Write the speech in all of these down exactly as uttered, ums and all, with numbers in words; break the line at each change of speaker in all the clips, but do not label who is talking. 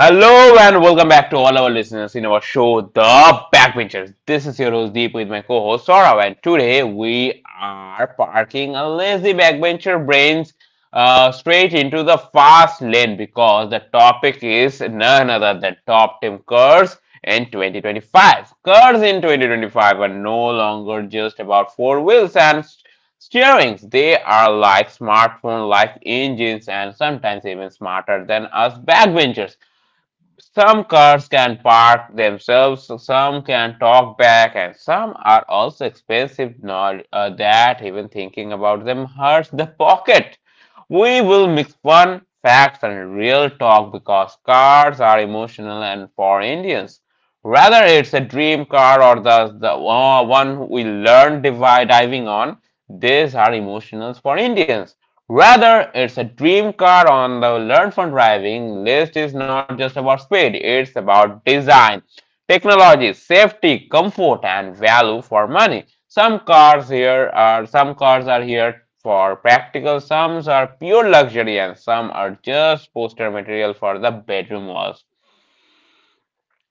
Hello and welcome back to all our listeners in our show, The Backbenchers. This is your host Deep with my co-host Saurav, and today we are parking a lazy backbencher brains uh, straight into the fast lane because the topic is none other than top team curves in twenty twenty-five. Curves in twenty twenty-five are no longer just about four wheels and s- steerings. They are like smartphone-like engines and sometimes even smarter than us backbenchers. Some cars can park themselves, some can talk back, and some are also expensive not, uh, that even thinking about them hurts the pocket. We will mix fun, facts, and real talk because cars are emotional and for Indians. Whether it's a dream car or the, the uh, one we learn divi- diving on, these are emotional for Indians. Rather, it's a dream car on the Learn from Driving list is not just about speed, it's about design, technology, safety, comfort, and value for money. Some cars here are some cars are here for practical, some are pure luxury, and some are just poster material for the bedroom walls.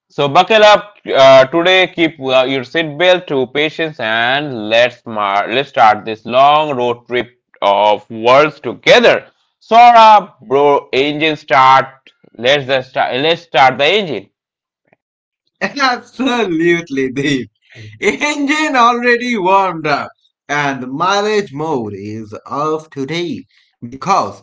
So buckle up uh, today, keep uh, your seatbelt to patience, and let's mar- let's start this long road trip of worlds together. Sora, bro, engine start. Let's the start. Let's start the engine.
Absolutely, Deep. Engine already warmed up, and the mileage mode is off today because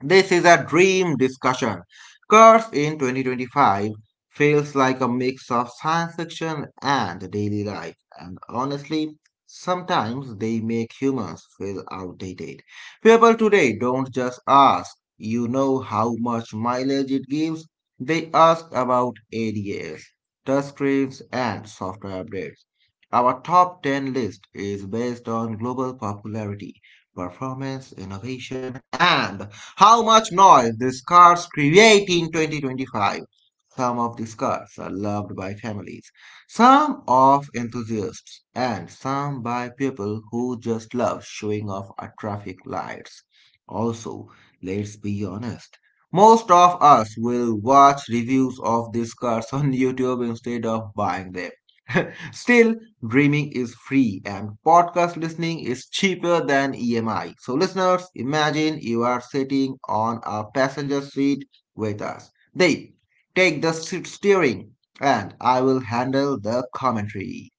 this is a dream discussion. Curse in twenty twenty-five feels like a mix of science fiction and daily life, and honestly, sometimes they make humans feel outdated. People today don't just ask, you know how much mileage it gives, they ask about A D As, touchscreens, and software updates. Our top ten list is based on global popularity, performance, innovation, and how much noise these cars create in twenty twenty-five. Some of these cars are loved by families, some of enthusiasts, and some by people who just love showing off at traffic lights. Also, let's be honest. Most of us will watch reviews of these cars on YouTube instead of buying them. Still, dreaming is free and podcast listening is cheaper than E M I. So, listeners, imagine you are sitting on a passenger seat with us. They take the steering and I will handle the commentary.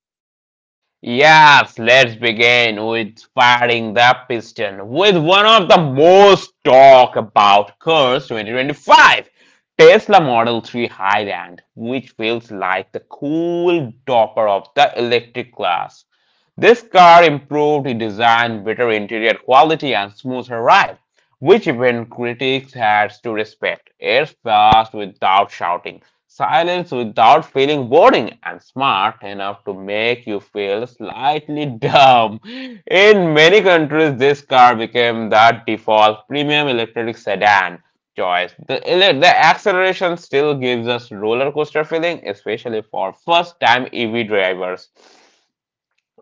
Yes, let's begin with firing the piston with one of the most talk about cars twenty twenty-five. Tesla Model three Highland, which feels like the cool topper of the electric class. This car improved the design, better interior quality, and smoother ride, which even critics had to respect. It's fast without shouting, silence without feeling boring, and smart enough to make you feel slightly dumb. In many countries, this car became the default premium electric sedan choice. The, ele- the acceleration still gives us roller coaster feeling, especially for first time E V drivers.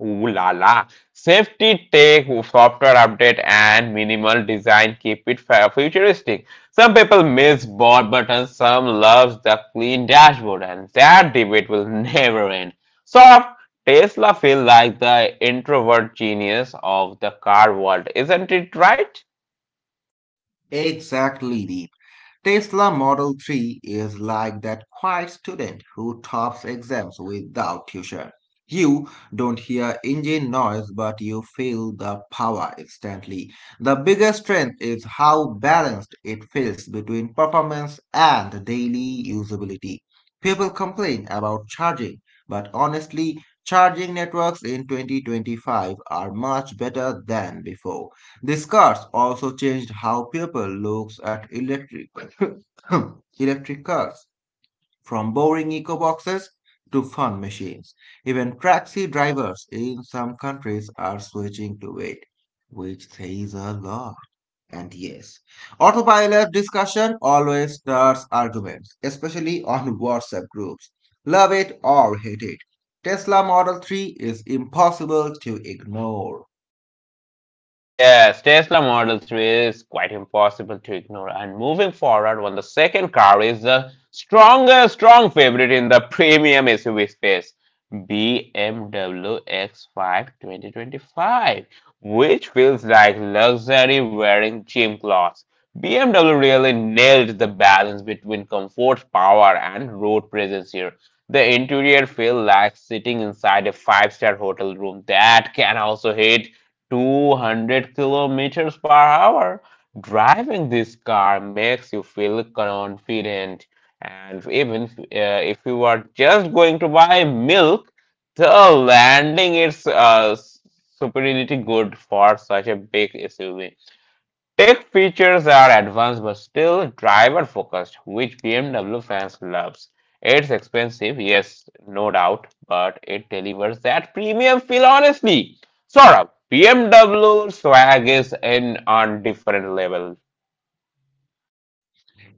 Ooh la la. Safety tech, software update, and minimal design keep it fa- futuristic. Some people miss board buttons, some love the clean dashboard, and that debate will never end. So, Tesla feels like the introvert genius of the car world, isn't it right?
Exactly, Deep. Tesla Model three is like that quiet student who tops exams without tuition. You don't hear engine noise, but you feel the power instantly. The biggest strength is how balanced it feels between performance and daily usability. People complain about charging, but honestly, charging networks in twenty twenty-five are much better than before. These cars also changed how people looks at electric electric cars, from boring eco boxes to fun machines. Even taxi drivers in some countries are switching to it, which says a lot. And yes, autopilot discussion always starts arguments, especially on WhatsApp groups. Love it or hate it, Tesla Model three is impossible to ignore.
Yes, Tesla Model three is quite impossible to ignore. And moving forward, when the second car is the strongest, strong favorite in the premium S U V space, B M W X five twenty twenty-five, which feels like luxury wearing gym clothes. B M W really nailed the balance between comfort, power, and road presence here. The interior feels like sitting inside a five-star hotel room that can also hit two hundred kilometers per hour. Driving this car makes you feel confident, and even uh, if you are just going to buy milk, the landing is uh, s- superiority good for such a big S U V. Tech features are advanced but still driver focused, which B M W fans loves. It's expensive, yes, no doubt, but it delivers that premium feel honestly. Sort of. B M W swag is in on different level.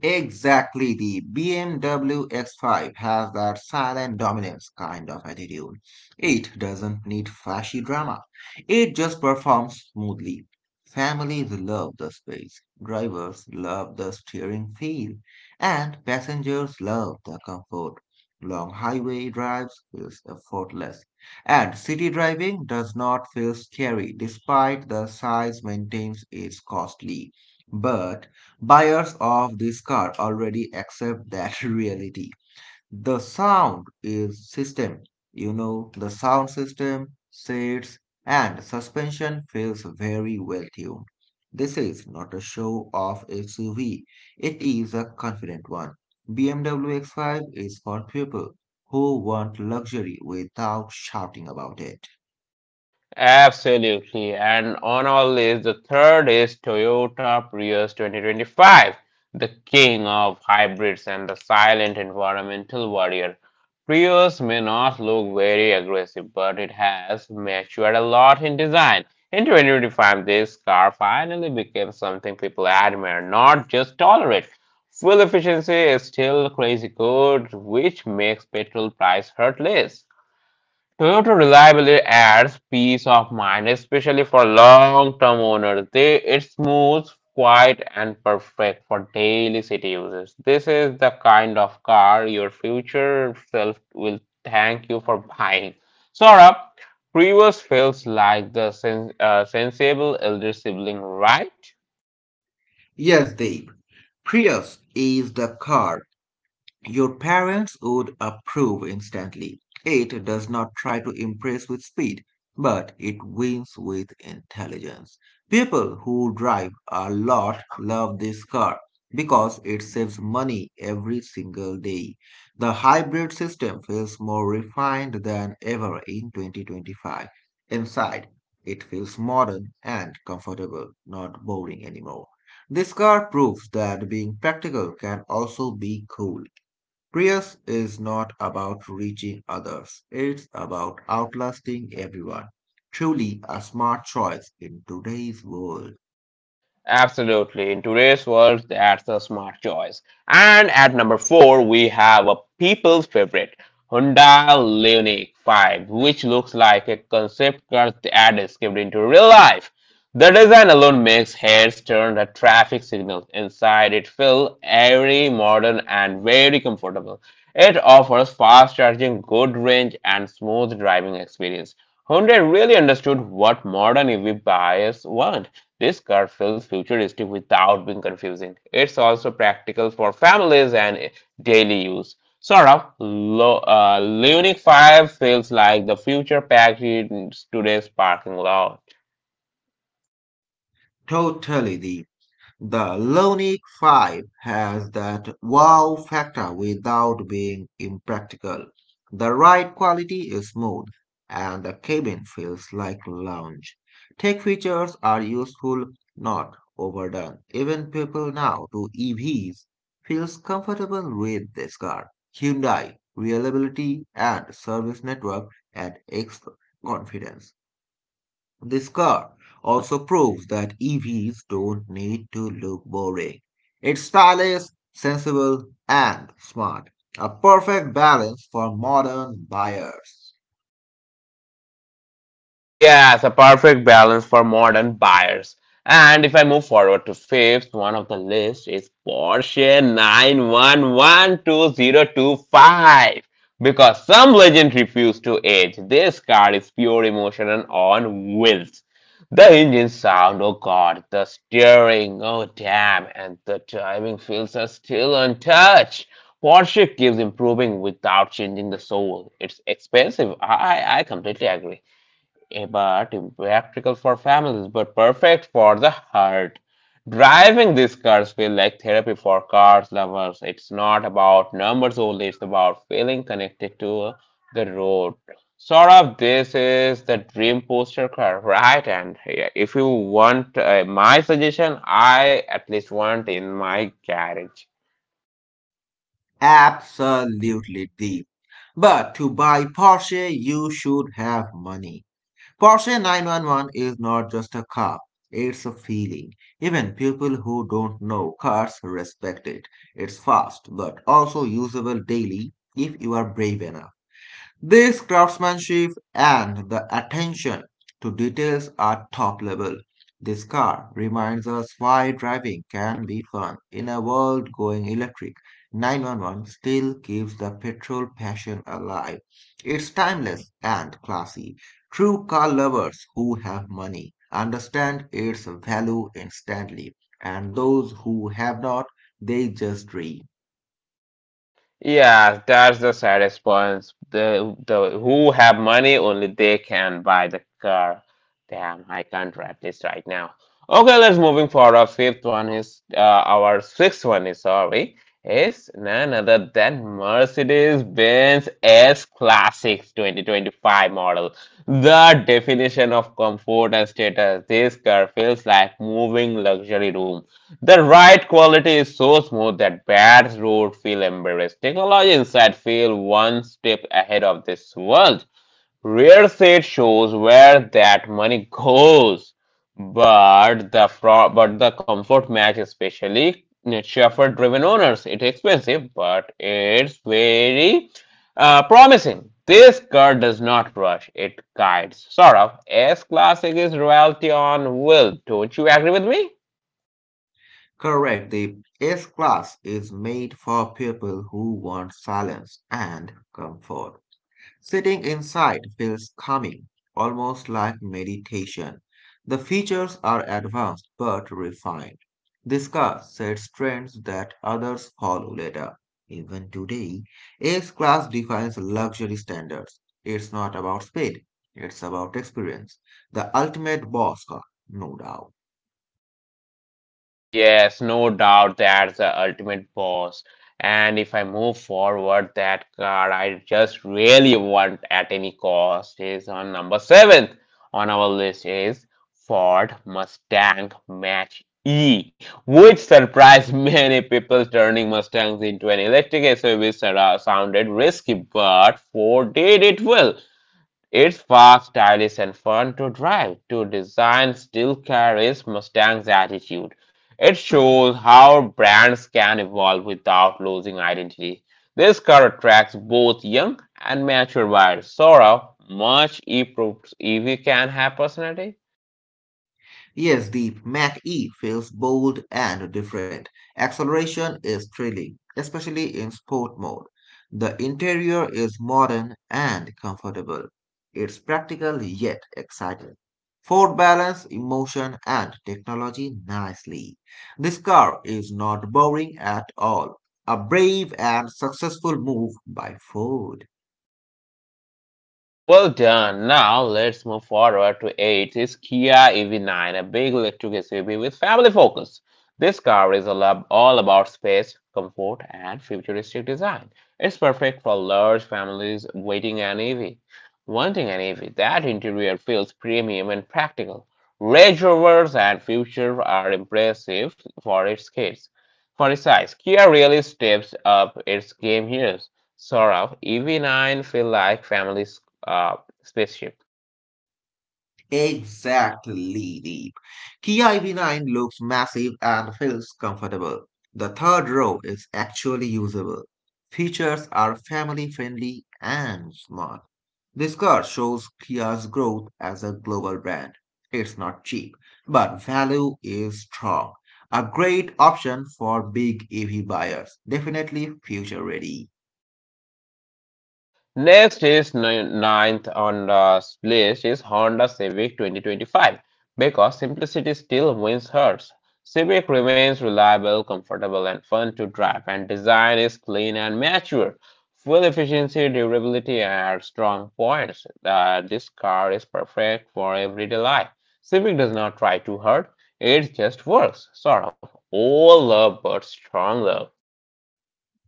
Exactly, the B M W X five has that silent dominance kind of attitude. It doesn't need flashy drama. It just performs smoothly. Families love the space, drivers love the steering feel, and passengers love the comfort. Long highway drives feels effortless, and city driving does not feel scary despite the size maintains its costly. But buyers of this car already accept that reality. The sound is system. You know, the sound system, seats, and suspension feels very well tuned. This is not a show off S U V, it is a confident one. B M W X five is for people who want luxury without shouting about it.
Absolutely. And on our list, the third is Toyota Prius twenty twenty-five, the king of hybrids and the silent environmental warrior. Prius may not look very aggressive, but it has matured a lot in design. In two thousand twenty-five, this car finally became something people admire, not just tolerate. Fuel efficiency is still crazy good, which makes petrol price hurt less. Toyota reliably adds peace of mind, especially for long-term owners. They, it's smooth, quiet, and perfect for daily city users. This is the kind of car your future self will thank you for buying. Saurabh, Prius feels like the sen- uh, sensible elder sibling, right?
Yes, Deep, Prius is the car your parents would approve instantly. It does not try to impress with speed, but it wins with intelligence. People who drive a lot love this car because it saves money every single day. The hybrid system feels more refined than ever in twenty twenty-five. Inside, it feels modern and comfortable, not boring anymore. This car proves that being practical can also be cool. Prius is not about reaching others, it's about outlasting everyone. Truly a smart choice in today's world.
Absolutely. In today's world, that's a smart choice. And at number four, we have a people's favorite, Hyundai Ioniq five, which looks like a concept car that is escaped into real life. The design alone makes heads turn at traffic signals. Inside, it feels airy, modern, and very comfortable. It offers fast charging, good range, and smooth driving experience. Hyundai really understood what modern E V buyers want. This car feels futuristic without being confusing. It's also practical for families and daily use. Sort of, Lo- uh, Leonic five feels like the future packed in today's parking lot.
Totally. the. The Ionic five has that wow factor without being impractical. The ride quality is smooth, and the cabin feels like lounge. Tech features are useful, not overdone. Even people now to E Vs feels comfortable with this car. Hyundai reliability and service network add extra confidence. This car also proves that E Vs don't need to look boring. It's style is sensible, and smart. A perfect balance for modern buyers.
Yeah, it's a perfect balance for modern buyers. And if I move forward to fifth, one of the list is Porsche nine eleven twenty twenty-five. Because some legend refuse to age, this car is pure emotion and on wheels. The engine sound, oh god, the steering, oh damn, and the driving feels are still untouched. Porsche keeps improving without changing the soul. It's expensive. I I completely agree eh, but impractical for families, but perfect for the heart. Driving these cars feel like therapy for cars lovers. It's not about numbers only, it's about feeling connected to the road. Sort of, this is the dream poster car, right? And eh, if you want uh, my suggestion, I at least want in my garage.
Absolutely, deep. But to buy Porsche, you should have money. Porsche nine one one is not just a car, it's a feeling. Even people who don't know cars respect it. It's fast, but also usable daily if you are brave enough. This craftsmanship and the attention to details are top level. This car reminds us why driving can be fun in a world going electric. nine one one still keeps the petrol passion alive. It's timeless and classy. True car lovers who have money understand its value instantly, and those who have not, they just dream.
Yeah, that's the saddest point. The the who have money only they can buy the car. Damn, I can't write this right now. Okay, let's moving for Our fifth one is uh, our sixth one is sorry is none other than Mercedes-Benz S Classic twenty twenty-five model. The definition of comfort and status. This car feels like moving luxury room. The ride quality is so smooth that bad roads feel embarrassed. Technology inside feel one step ahead of this world. Rear seat shows where that money goes, but the fro- but the comfort match especially chauffeur driven owners. It's expensive, but it's very uh, promising. This car does not rush; it guides. Sort of. S classic is royalty on will. Don't you agree with me?
Correct. The S class is made for people who want silence and comfort. Sitting inside feels calming, almost like meditation. The features are advanced but refined. This car sets trends that others follow later. Even today, S class defines luxury standards. It's not about speed, it's about experience. The ultimate boss car, no doubt.
Yes, no doubt that's the ultimate boss. And if I move forward, that card I just really want at any cost is on number seventh on our list is Ford Mustang Match E, which surprised many people turning Mustangs into an electric S U V sounded risky, but Ford did it well. It's fast, stylish, and fun to drive. To design still carries Mustang's attitude. It shows how brands can evolve without losing identity. This car attracts both young and mature buyers. Sora, much if if can have personality.
Yes, the Mach E feels bold and different. Acceleration is thrilling, especially in sport mode. The interior is modern and comfortable. It's practical yet exciting. Ford balances emotion and technology nicely. This car is not boring at all. A brave and successful move by Ford.
Well done. Now let's move forward to eight is Kia E V nine, a big electric S U V with family focus. This car is all ab- all about space, comfort, and futuristic design. It's perfect for large families waiting an E V. Wanting an E V, that interior feels premium and practical. Range Rovers and Future are impressive for its kids. For its size, Kia really steps up its game here. Sort of E V nine feel like families uh, spaceship.
Exactly, Deep. Kia E V nine looks massive and feels comfortable. The third row is actually usable. Features are family friendly and smart. This car shows Kia's growth as a global brand. It's not cheap, but value is strong. A great option for big E V buyers. Definitely future ready.
Next is ninth on the list is Honda Civic twenty twenty-five because simplicity still wins hearts. Civic remains reliable, comfortable, and fun to drive, and design is clean and mature. Fuel efficiency, durability are strong points. Uh, this car is perfect for everyday life. Civic does not try too hard; it just works. Sort of all love, but strong love.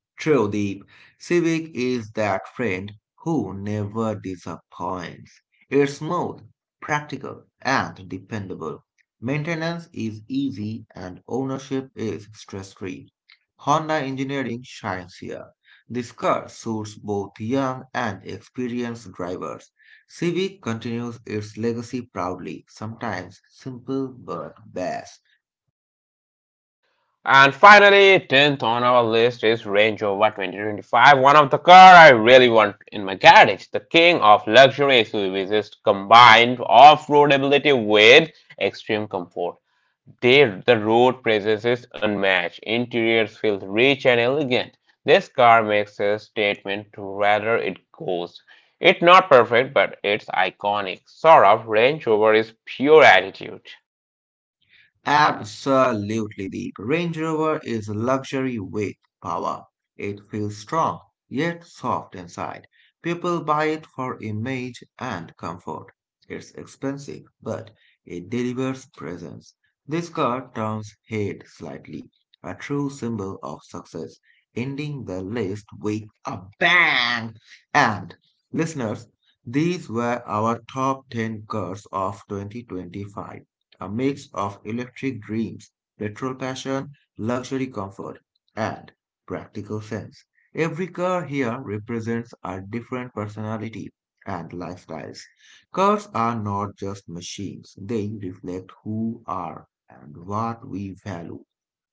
True, Deep. Civic is that friend who never disappoints. It's smooth, practical, and dependable. Maintenance is easy and ownership is stress-free. Honda engineering shines here. This car suits both young and experienced drivers. Civic continues its legacy proudly, sometimes simple but best.
And finally, tenth on our list is Range Rover twenty twenty-five, one of the car I really want in my garage. The king of luxury S U Vs is combined off-roadability with extreme comfort. They, the road presence is unmatched. Interiors feel rich and elegant. This car makes a statement to whether it goes. It's not perfect, but it's iconic. Sort of, Range Rover is pure attitude.
Absolutely. The Range Rover is a luxury with power. It feels strong, yet soft inside. People buy it for image and comfort. It's expensive, but it delivers presence. This car turns head slightly, a true symbol of success, ending the list with a bang. And listeners, these were our top ten cars of twenty twenty-five, a mix of electric dreams, petrol passion, luxury comfort, and practical sense. Every car here represents a different personality and lifestyles. Cars are not just machines, they reflect who are and what we value,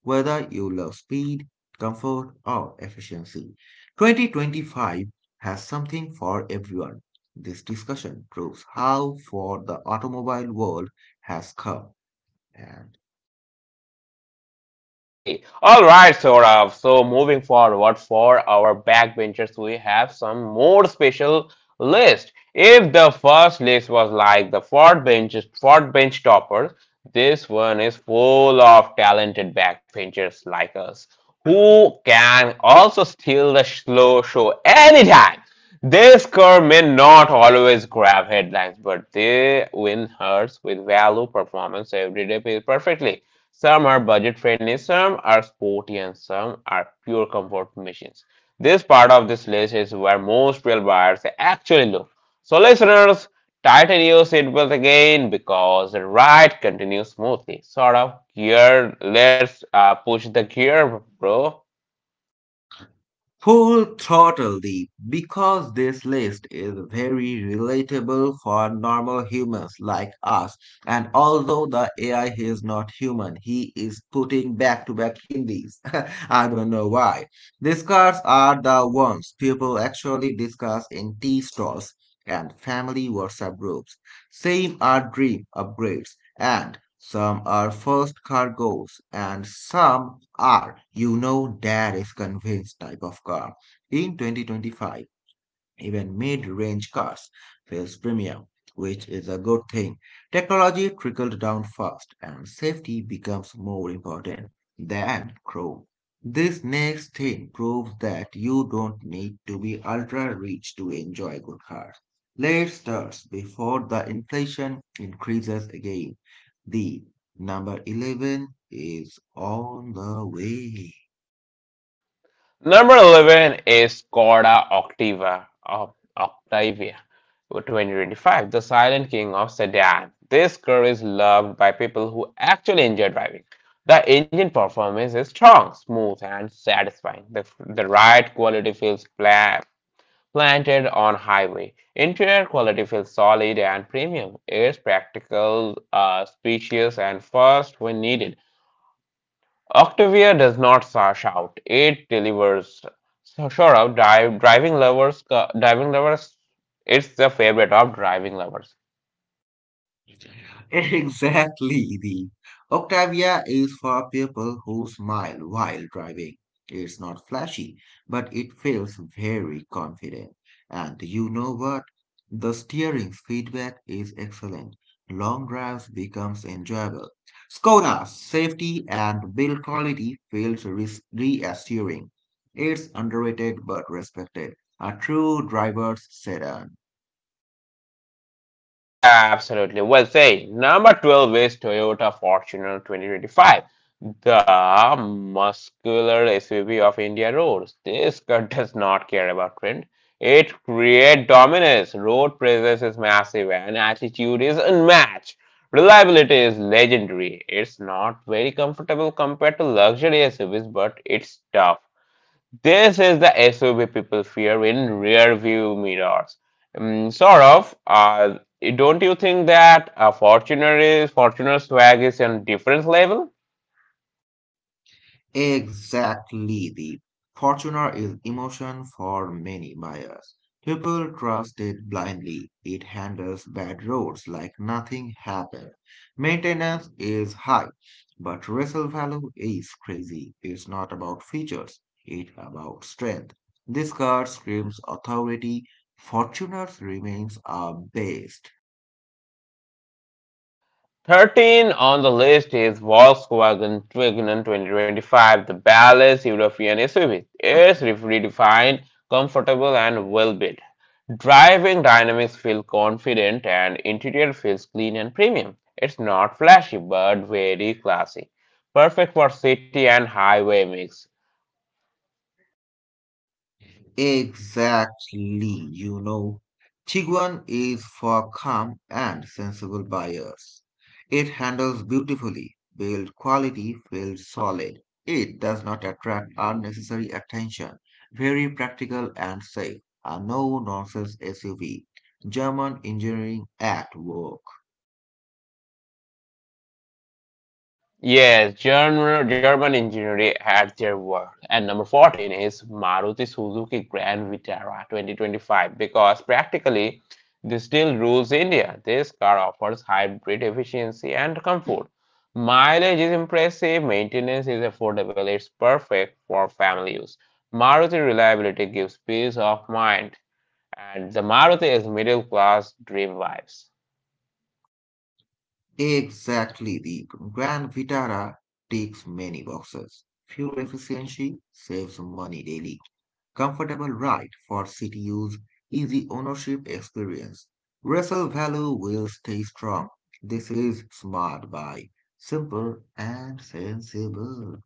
whether you love speed, comfort, or efficiency. twenty twenty-five has something for everyone. This discussion proves how far the automobile world has come and
Hey, all right, Saurav. So moving forward for our backbenchers, we have some more special list. If the first list was like the fourth bench, fourth bench toppers, this one is full of talented backbenchers like us who can also steal the slow show anytime. This car may not always grab headlines, but they win hearts with value performance every day perfectly. Some are budget friendly, some are sporty, and some are pure comfort machines. This part of this list is where most real buyers actually look. So, listeners, tighten your seatbelt again because the ride continues smoothly. Sort of gear, let's uh, push the gear, bro.
full throttle deep because this list is very relatable for normal humans like us. And although the A I is not human, he is putting back to back Hindis. I don't know why. These cards are the ones people actually discuss in tea stalls and family WhatsApp groups. Same are dream upgrades, and some are first cargoes and some are, you know, dad is convinced type of car. In twenty twenty-five, even mid-range cars feels premium, which is a good thing. Technology trickled down fast and safety becomes more important than chrome. This next thing proves that you don't need to be ultra rich to enjoy good cars. Let's start before the inflation increases again. The number eleven is on the way.
Number eleven is Corda Octava of Octavia twenty twenty-five, the silent king of sedan. This car is loved by people who actually enjoy driving. The engine performance is strong, smooth, and satisfying. The, the ride quality feels pla- planted on highway. Interior quality feels solid and premium. It's practical, uh, spacious, and fast when needed. Octavia does not sa- shout; it delivers. So sure, of dive, driving lovers, co- diving lovers, it's the favorite of driving lovers.
Exactly, the Octavia is for people who smile while driving. It's not flashy, but it feels very confident. And you know what? The steering's feedback is excellent. Long drives becomes enjoyable. Skoda's safety and build quality feels res- reassuring. It's underrated but respected. A true driver's sedan.
Yeah, absolutely. Well said. Number twelve is Toyota Fortuner twenty twenty-five, the muscular S U V of India roads. This car does not care about trend. It creates dominance. Road presence is massive and attitude is unmatched. Reliability is legendary. It's not very comfortable compared to luxury S U Vs, but it's tough. This is the S U V people fear in rear view mirrors. Mm, sort of. Uh, don't you think that a Fortuner is Fortuner swag is on different level?
Exactly, the Fortuner is emotion for many buyers. People trust it blindly. It handles bad roads like nothing happened. Maintenance is high, but resale value is crazy. It's not about features, it's about strength. This card screams authority. Fortuners remains our best.
thirteen on the list is Volkswagen Tiguan twenty twenty-five, the balanced European S U V. It's redefined, comfortable, and well built. Driving dynamics feel confident and interior feels clean and premium. It's not flashy but very classy. Perfect for city and highway mix.
Exactly, you know, Tiguan is for calm and sensible buyers. It handles beautifully, build quality, feels solid. It does not attract unnecessary attention. Very practical and safe. A no-nonsense S U V. German engineering at work.
Yes, German, German engineering at their work. And number fourteen is Maruti Suzuki Grand Vitara twenty twenty-five because practically this still rules India. This car offers hybrid efficiency and comfort. Mileage is impressive, maintenance is affordable, it's perfect for family use. Maruti reliability gives peace of mind, and the Maruti is middle class dream vibes.
Exactly, the Grand Vitara ticks many boxes. Fuel efficiency saves money daily. Comfortable ride for city use, easy ownership experience. Resale value will stay strong. This is smart buy, simple and sensible.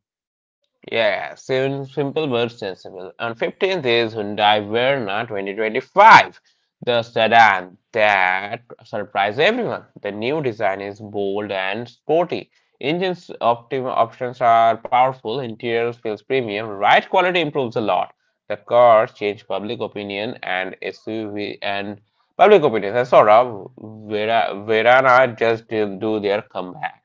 Yeah, sim- simple but sensible. On fifteenth is Hyundai Verna twenty twenty-five, the sedan that surprised everyone. The new design is bold and sporty. Engines optim- options are powerful, interior feels premium, ride quality improves a lot. The car changed public opinion and S U V and public opinion. I saw Vera- Verana just didn't do their comeback.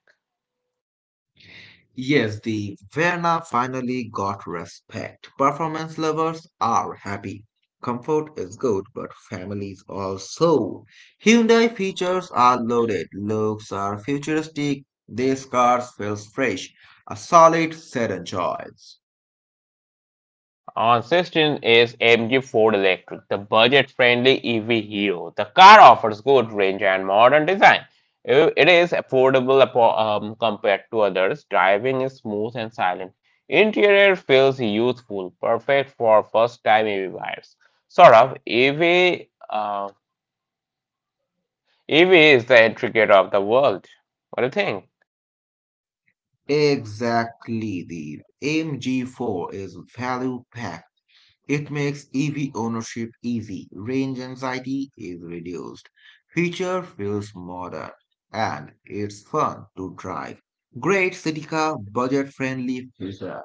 Yes, the Verna finally got respect. Performance lovers are happy. Comfort is good, but families also. Hyundai features are loaded. Looks are futuristic. These cars feels fresh. A solid sedan choice.
Ancestor is M G Ford Electric, the budget-friendly E V hero. The car offers good range and modern design. It is affordable apo- um, compared to others. Driving is smooth and silent. Interior feels youthful, perfect for first-time E V buyers. Sort of E V, uh, E V is the entry gate of the world. What do you think?
Exactly, the M G four is value packed. It makes E V ownership easy, range anxiety is reduced, feature feels modern, and it's fun to drive. Great city car, budget friendly future.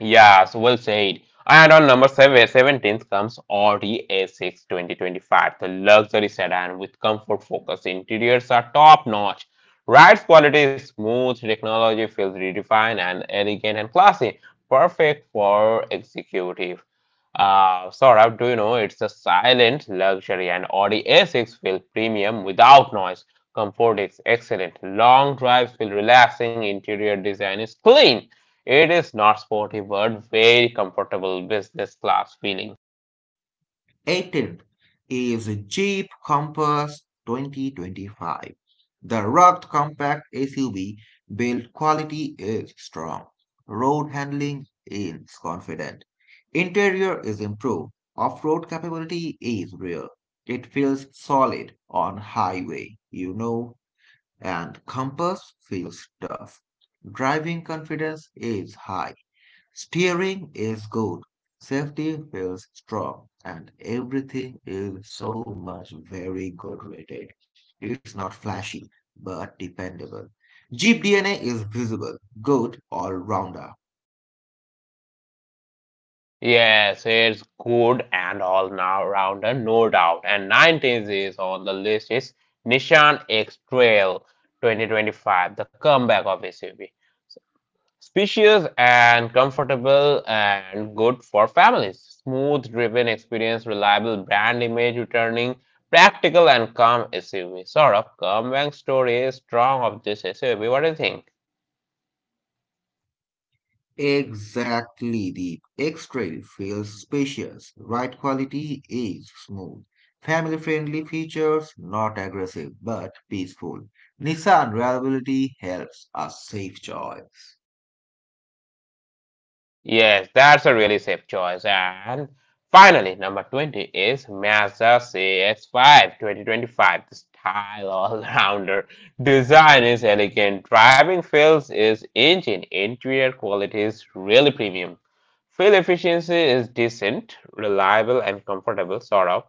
Yeah, Yes, well said. And on number seven, seventeen comes Audi A six twenty twenty-five, the luxury sedan with comfort focus. Interiors are top notch. Ride's quality is smooth, technology feels redefined and elegant and classy. Perfect for executive. Uh, Saurabh, do you know it's a silent luxury and Audi A six feels premium without noise. Comfort is excellent. Long drives feel relaxing. Interior design is clean. It is not sporty but very comfortable business class feeling.
eighteenth is Jeep Compass twenty twenty-five. The rugged compact S U V build quality is strong. Road handling is confident. Interior is improved. Off-road capability is real. It feels solid on highway, you know, and Compass feels tough. Driving confidence is high. Steering is good, safety feels strong, and everything is so much very good rated. It's not flashy, but dependable. Jeep D N A is visible, good all-rounder.
Yes, it's good and all now rounder, no doubt. And nineteenth is on the list is Nissan X Trail twenty twenty-five, the comeback of S U V. Spacious and comfortable and good for families. Smooth driven experience, reliable brand image returning, practical and calm S U V. Sort of comeback story is strong of this S U V. What do you think?
Exactly, the X-Trail feels spacious, ride quality is smooth. Family-friendly features, not aggressive, but peaceful. Nissan reliability helps a safe choice.
Yes, that's a really safe choice. And finally, number twenty is Mazda C X five twenty twenty-five, the style all-rounder. Design is elegant, driving feels is engine, interior quality is really premium. Fuel efficiency is decent, reliable and comfortable, sort of.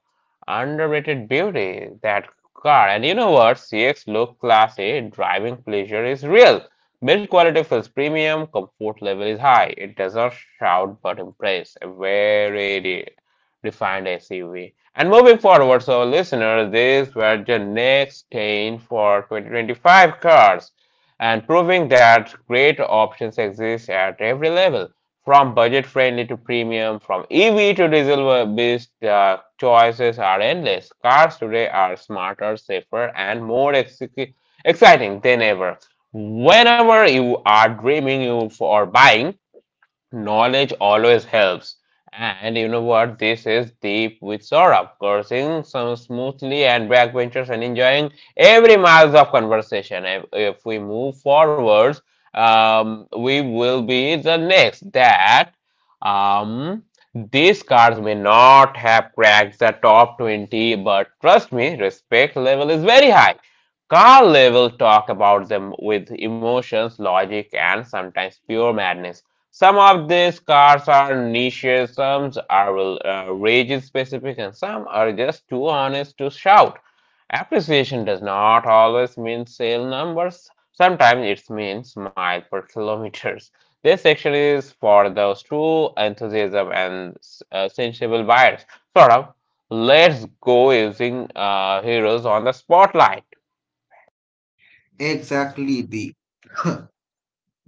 Underrated beauty, that car. And you know what? C X look classy, driving pleasure is real. Build quality feels premium, comfort level is high. It does not shout but impress. A very de- defined S U V. And moving forward, so listeners, these were the next ten for twenty twenty-five cars and proving that great options exist at every level. From budget friendly to premium, from E V to diesel based uh, choices are endless. Cars today are smarter, safer, and more exec- exciting than ever. Whenever you are dreaming you for buying, knowledge always helps. And you know what? This is Deep with Saurabh, cursing some smoothly and backbenchers and enjoying every miles of conversation. If, if we move forwards, um, we will be the next that um, these cards may not have cracked the top twenty, but trust me, respect level is very high. Carl level talk about them with emotions, logic, and sometimes pure madness. Some of these cars are niches, some are uh, rage specific, and some are just too honest to shout. Appreciation does not always mean sale numbers. Sometimes it means mile per kilometers. This section is for those true enthusiasm and uh, sensible buyers. Sort of. Let's go using uh, heroes on the spotlight.
Exactly, the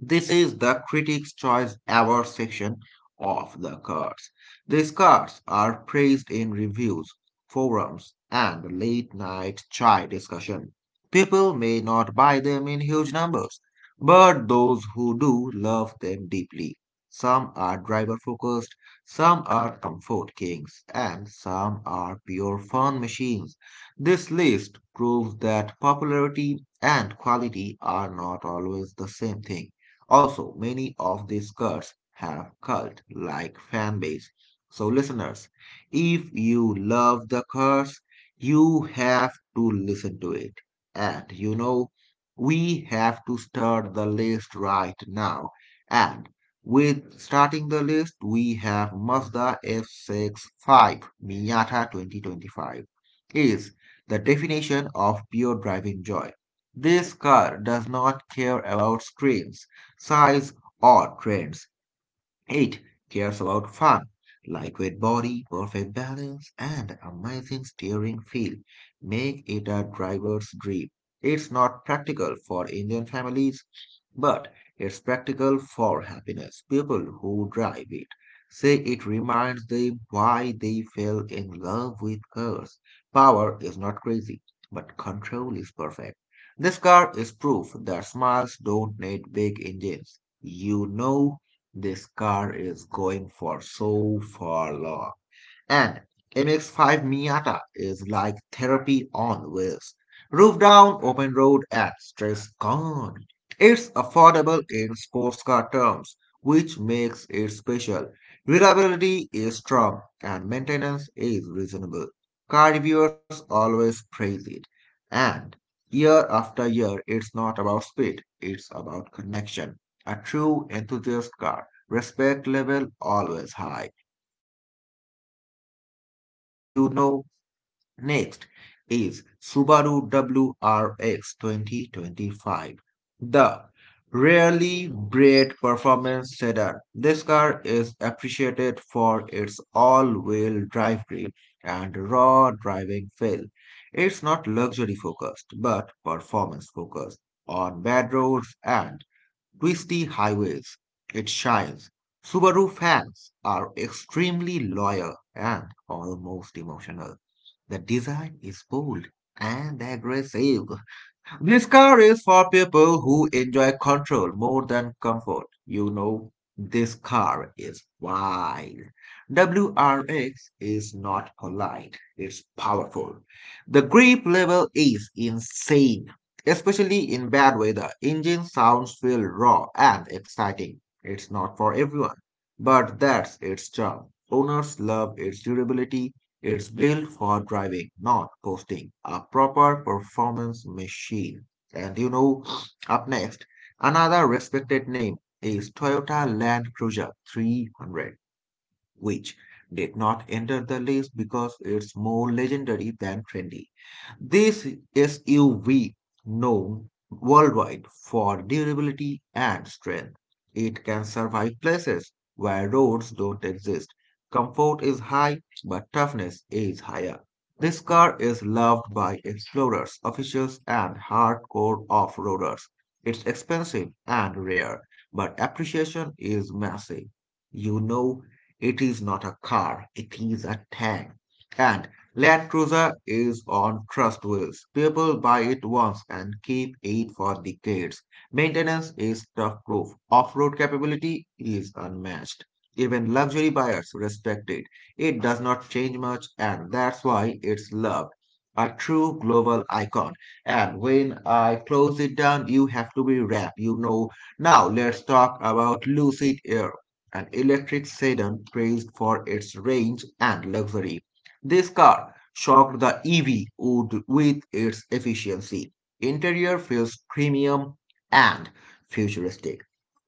this is the Critics' Choice Award section of the cards. These cards are praised in reviews, forums, and late night chai discussion. People may not buy them in huge numbers, but those who do love them deeply. Some are driver focused, some are comfort kings, and some are pure fun machines. This list proves that popularity and quality are not always the same thing. Also, many of these cults have cult like fan base. So, listeners, if you love the curse, you have to listen to it. And you know, we have to start the list right now. And with starting the list, we have Mazda F sixty-five Miata twenty twenty-five is the definition of pure driving joy. This car does not care about screens size, or trends. It cares about fun, lightweight body, perfect balance, and amazing steering feel make it a driver's dream. It's not practical for Indian families, but it's practical for happiness. People who drive it say it reminds them why they fell in love with cars. Power is not crazy, but control is perfect. This car is proof that smiles don't need big engines. You know this car is going for so far, long. And M X five Miata is like therapy on wheels. Roof down, open road, and stress gone. It's affordable in sports car terms, which makes it special. Reliability is strong and maintenance is reasonable. Car reviewers always praise it. And year after year, it's not about speed, it's about connection. A true enthusiast car. Respect level always high. You know next is Subaru W R X twenty twenty-five, the rarely bred performance sedan. This car is appreciated for its all-wheel drive grip and raw driving feel. It's not luxury focused, but performance focused on bad roads and twisty highways. It shines. Subaru fans are extremely loyal and almost emotional. The design is bold and aggressive. This car is for people who enjoy control more than comfort. You know, this car is wild. W R X is not polite, it's powerful. The grip level is insane, especially in bad weather. Engine sounds feel raw and exciting. It's not for everyone, but that's its charm. Owners love its durability, it's built for driving, not coasting. A proper performance machine. And you know, up next, another respected name is Toyota Land Cruiser three hundred, which did not enter the list because it's more legendary than trendy. This S U V, known worldwide for durability and strength, it can survive places where roads don't exist. Comfort is high, but toughness is higher. This car is loved by explorers, officials, and hardcore off-roaders. It's expensive and rare, but appreciation is massive. You know it is not a car, it is a tank. And Land Cruiser is on trust wheels. People buy it once and keep it for decades. Maintenance is tough proof. Off-road capability is unmatched. Even luxury buyers respect it. It does not change much, and that's why it's loved. A true global icon. And when I close it down, you have to be wrapped. You know. Now let's talk about Lucid Air, an electric sedan praised for its range and luxury. This car shocked the E V world with its efficiency. Interior feels premium and futuristic.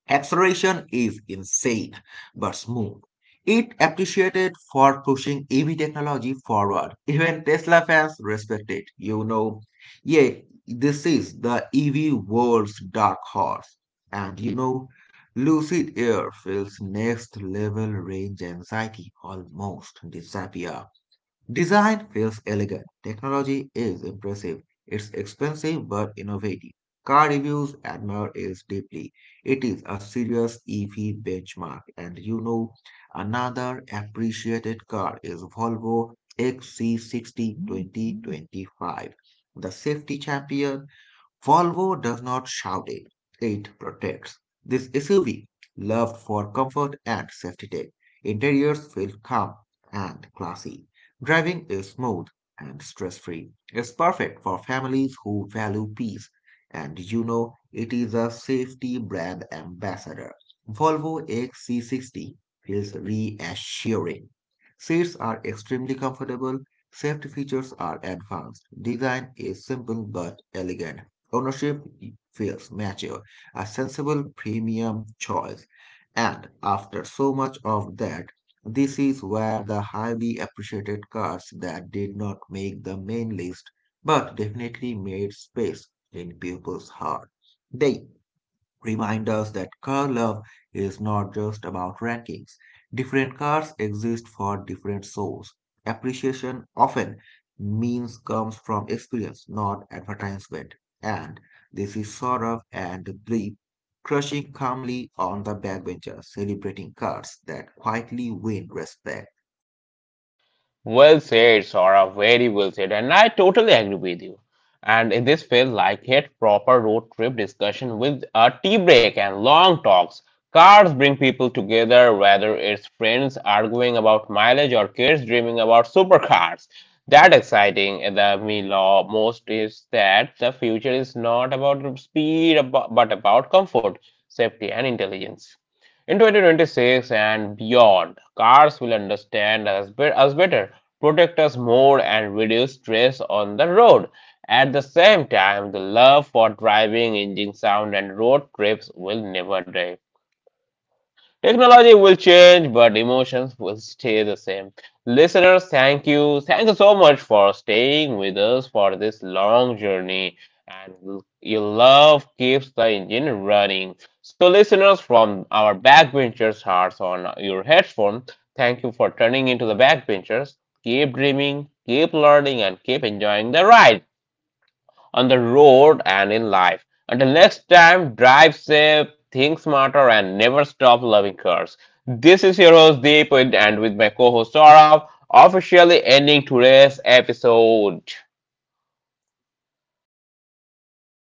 Acceleration is insane, but smooth. It appreciated for pushing E V technology forward. Even Tesla fans respect it, you know. Yeah, this is the E V world's dark horse. And you know, Lucid Air feels next level, range anxiety almost disappear. Design feels elegant. Technology is impressive. It's expensive but innovative. Car reviews admire it deeply. It is a serious E V benchmark. And you know, another appreciated car is Volvo X C sixty twenty twenty-five, the safety champion. Volvo does not shout it, it protects. This S U V, loved for comfort and safety tech, interiors feel calm and classy. Driving is smooth and stress-free. It's perfect for families who value peace. And you know, it is a safety brand ambassador. Volvo X C sixty feels reassuring. Seats are extremely comfortable. Safety features are advanced. Design is simple but elegant. Ownership feels mature, a sensible premium choice. And after so much of that, this is where the highly appreciated cars that did not make the main list but definitely made space in people's heart. They remind us that car love is not just about rankings. Different cars exist for different souls. Appreciation often means comes from experience, not advertisement. And this is sort of and brief, crushing calmly on the backbencher, celebrating cars that quietly win respect.
Well said, Saurabh. Very well said. And I totally agree with you. And this feels like a proper road trip discussion with a tea break and long talks. Cars bring people together, whether it's friends arguing about mileage or kids dreaming about supercars. That exciting. The me law most is that the future is not about speed, abo- but about comfort, safety, and intelligence. In twenty twenty-six and beyond, cars will understand us, be- us better, protect us more and reduce stress on the road. At the same time, the love for driving, engine sound, and road trips will never die. Technology will change, but emotions will stay the same. Listeners, thank you. Thank you so much for staying with us for this long journey. And your love keeps the engine running. So, listeners, from our backbenchers' hearts on your headphone, thank you for turning into the backbenchers. Keep dreaming, keep learning, and keep enjoying the ride on the road and in life. Until next time, drive safe, think smarter, and never stop loving cars. This is your host Deep, and with my co host Saurav, officially ending today's episode.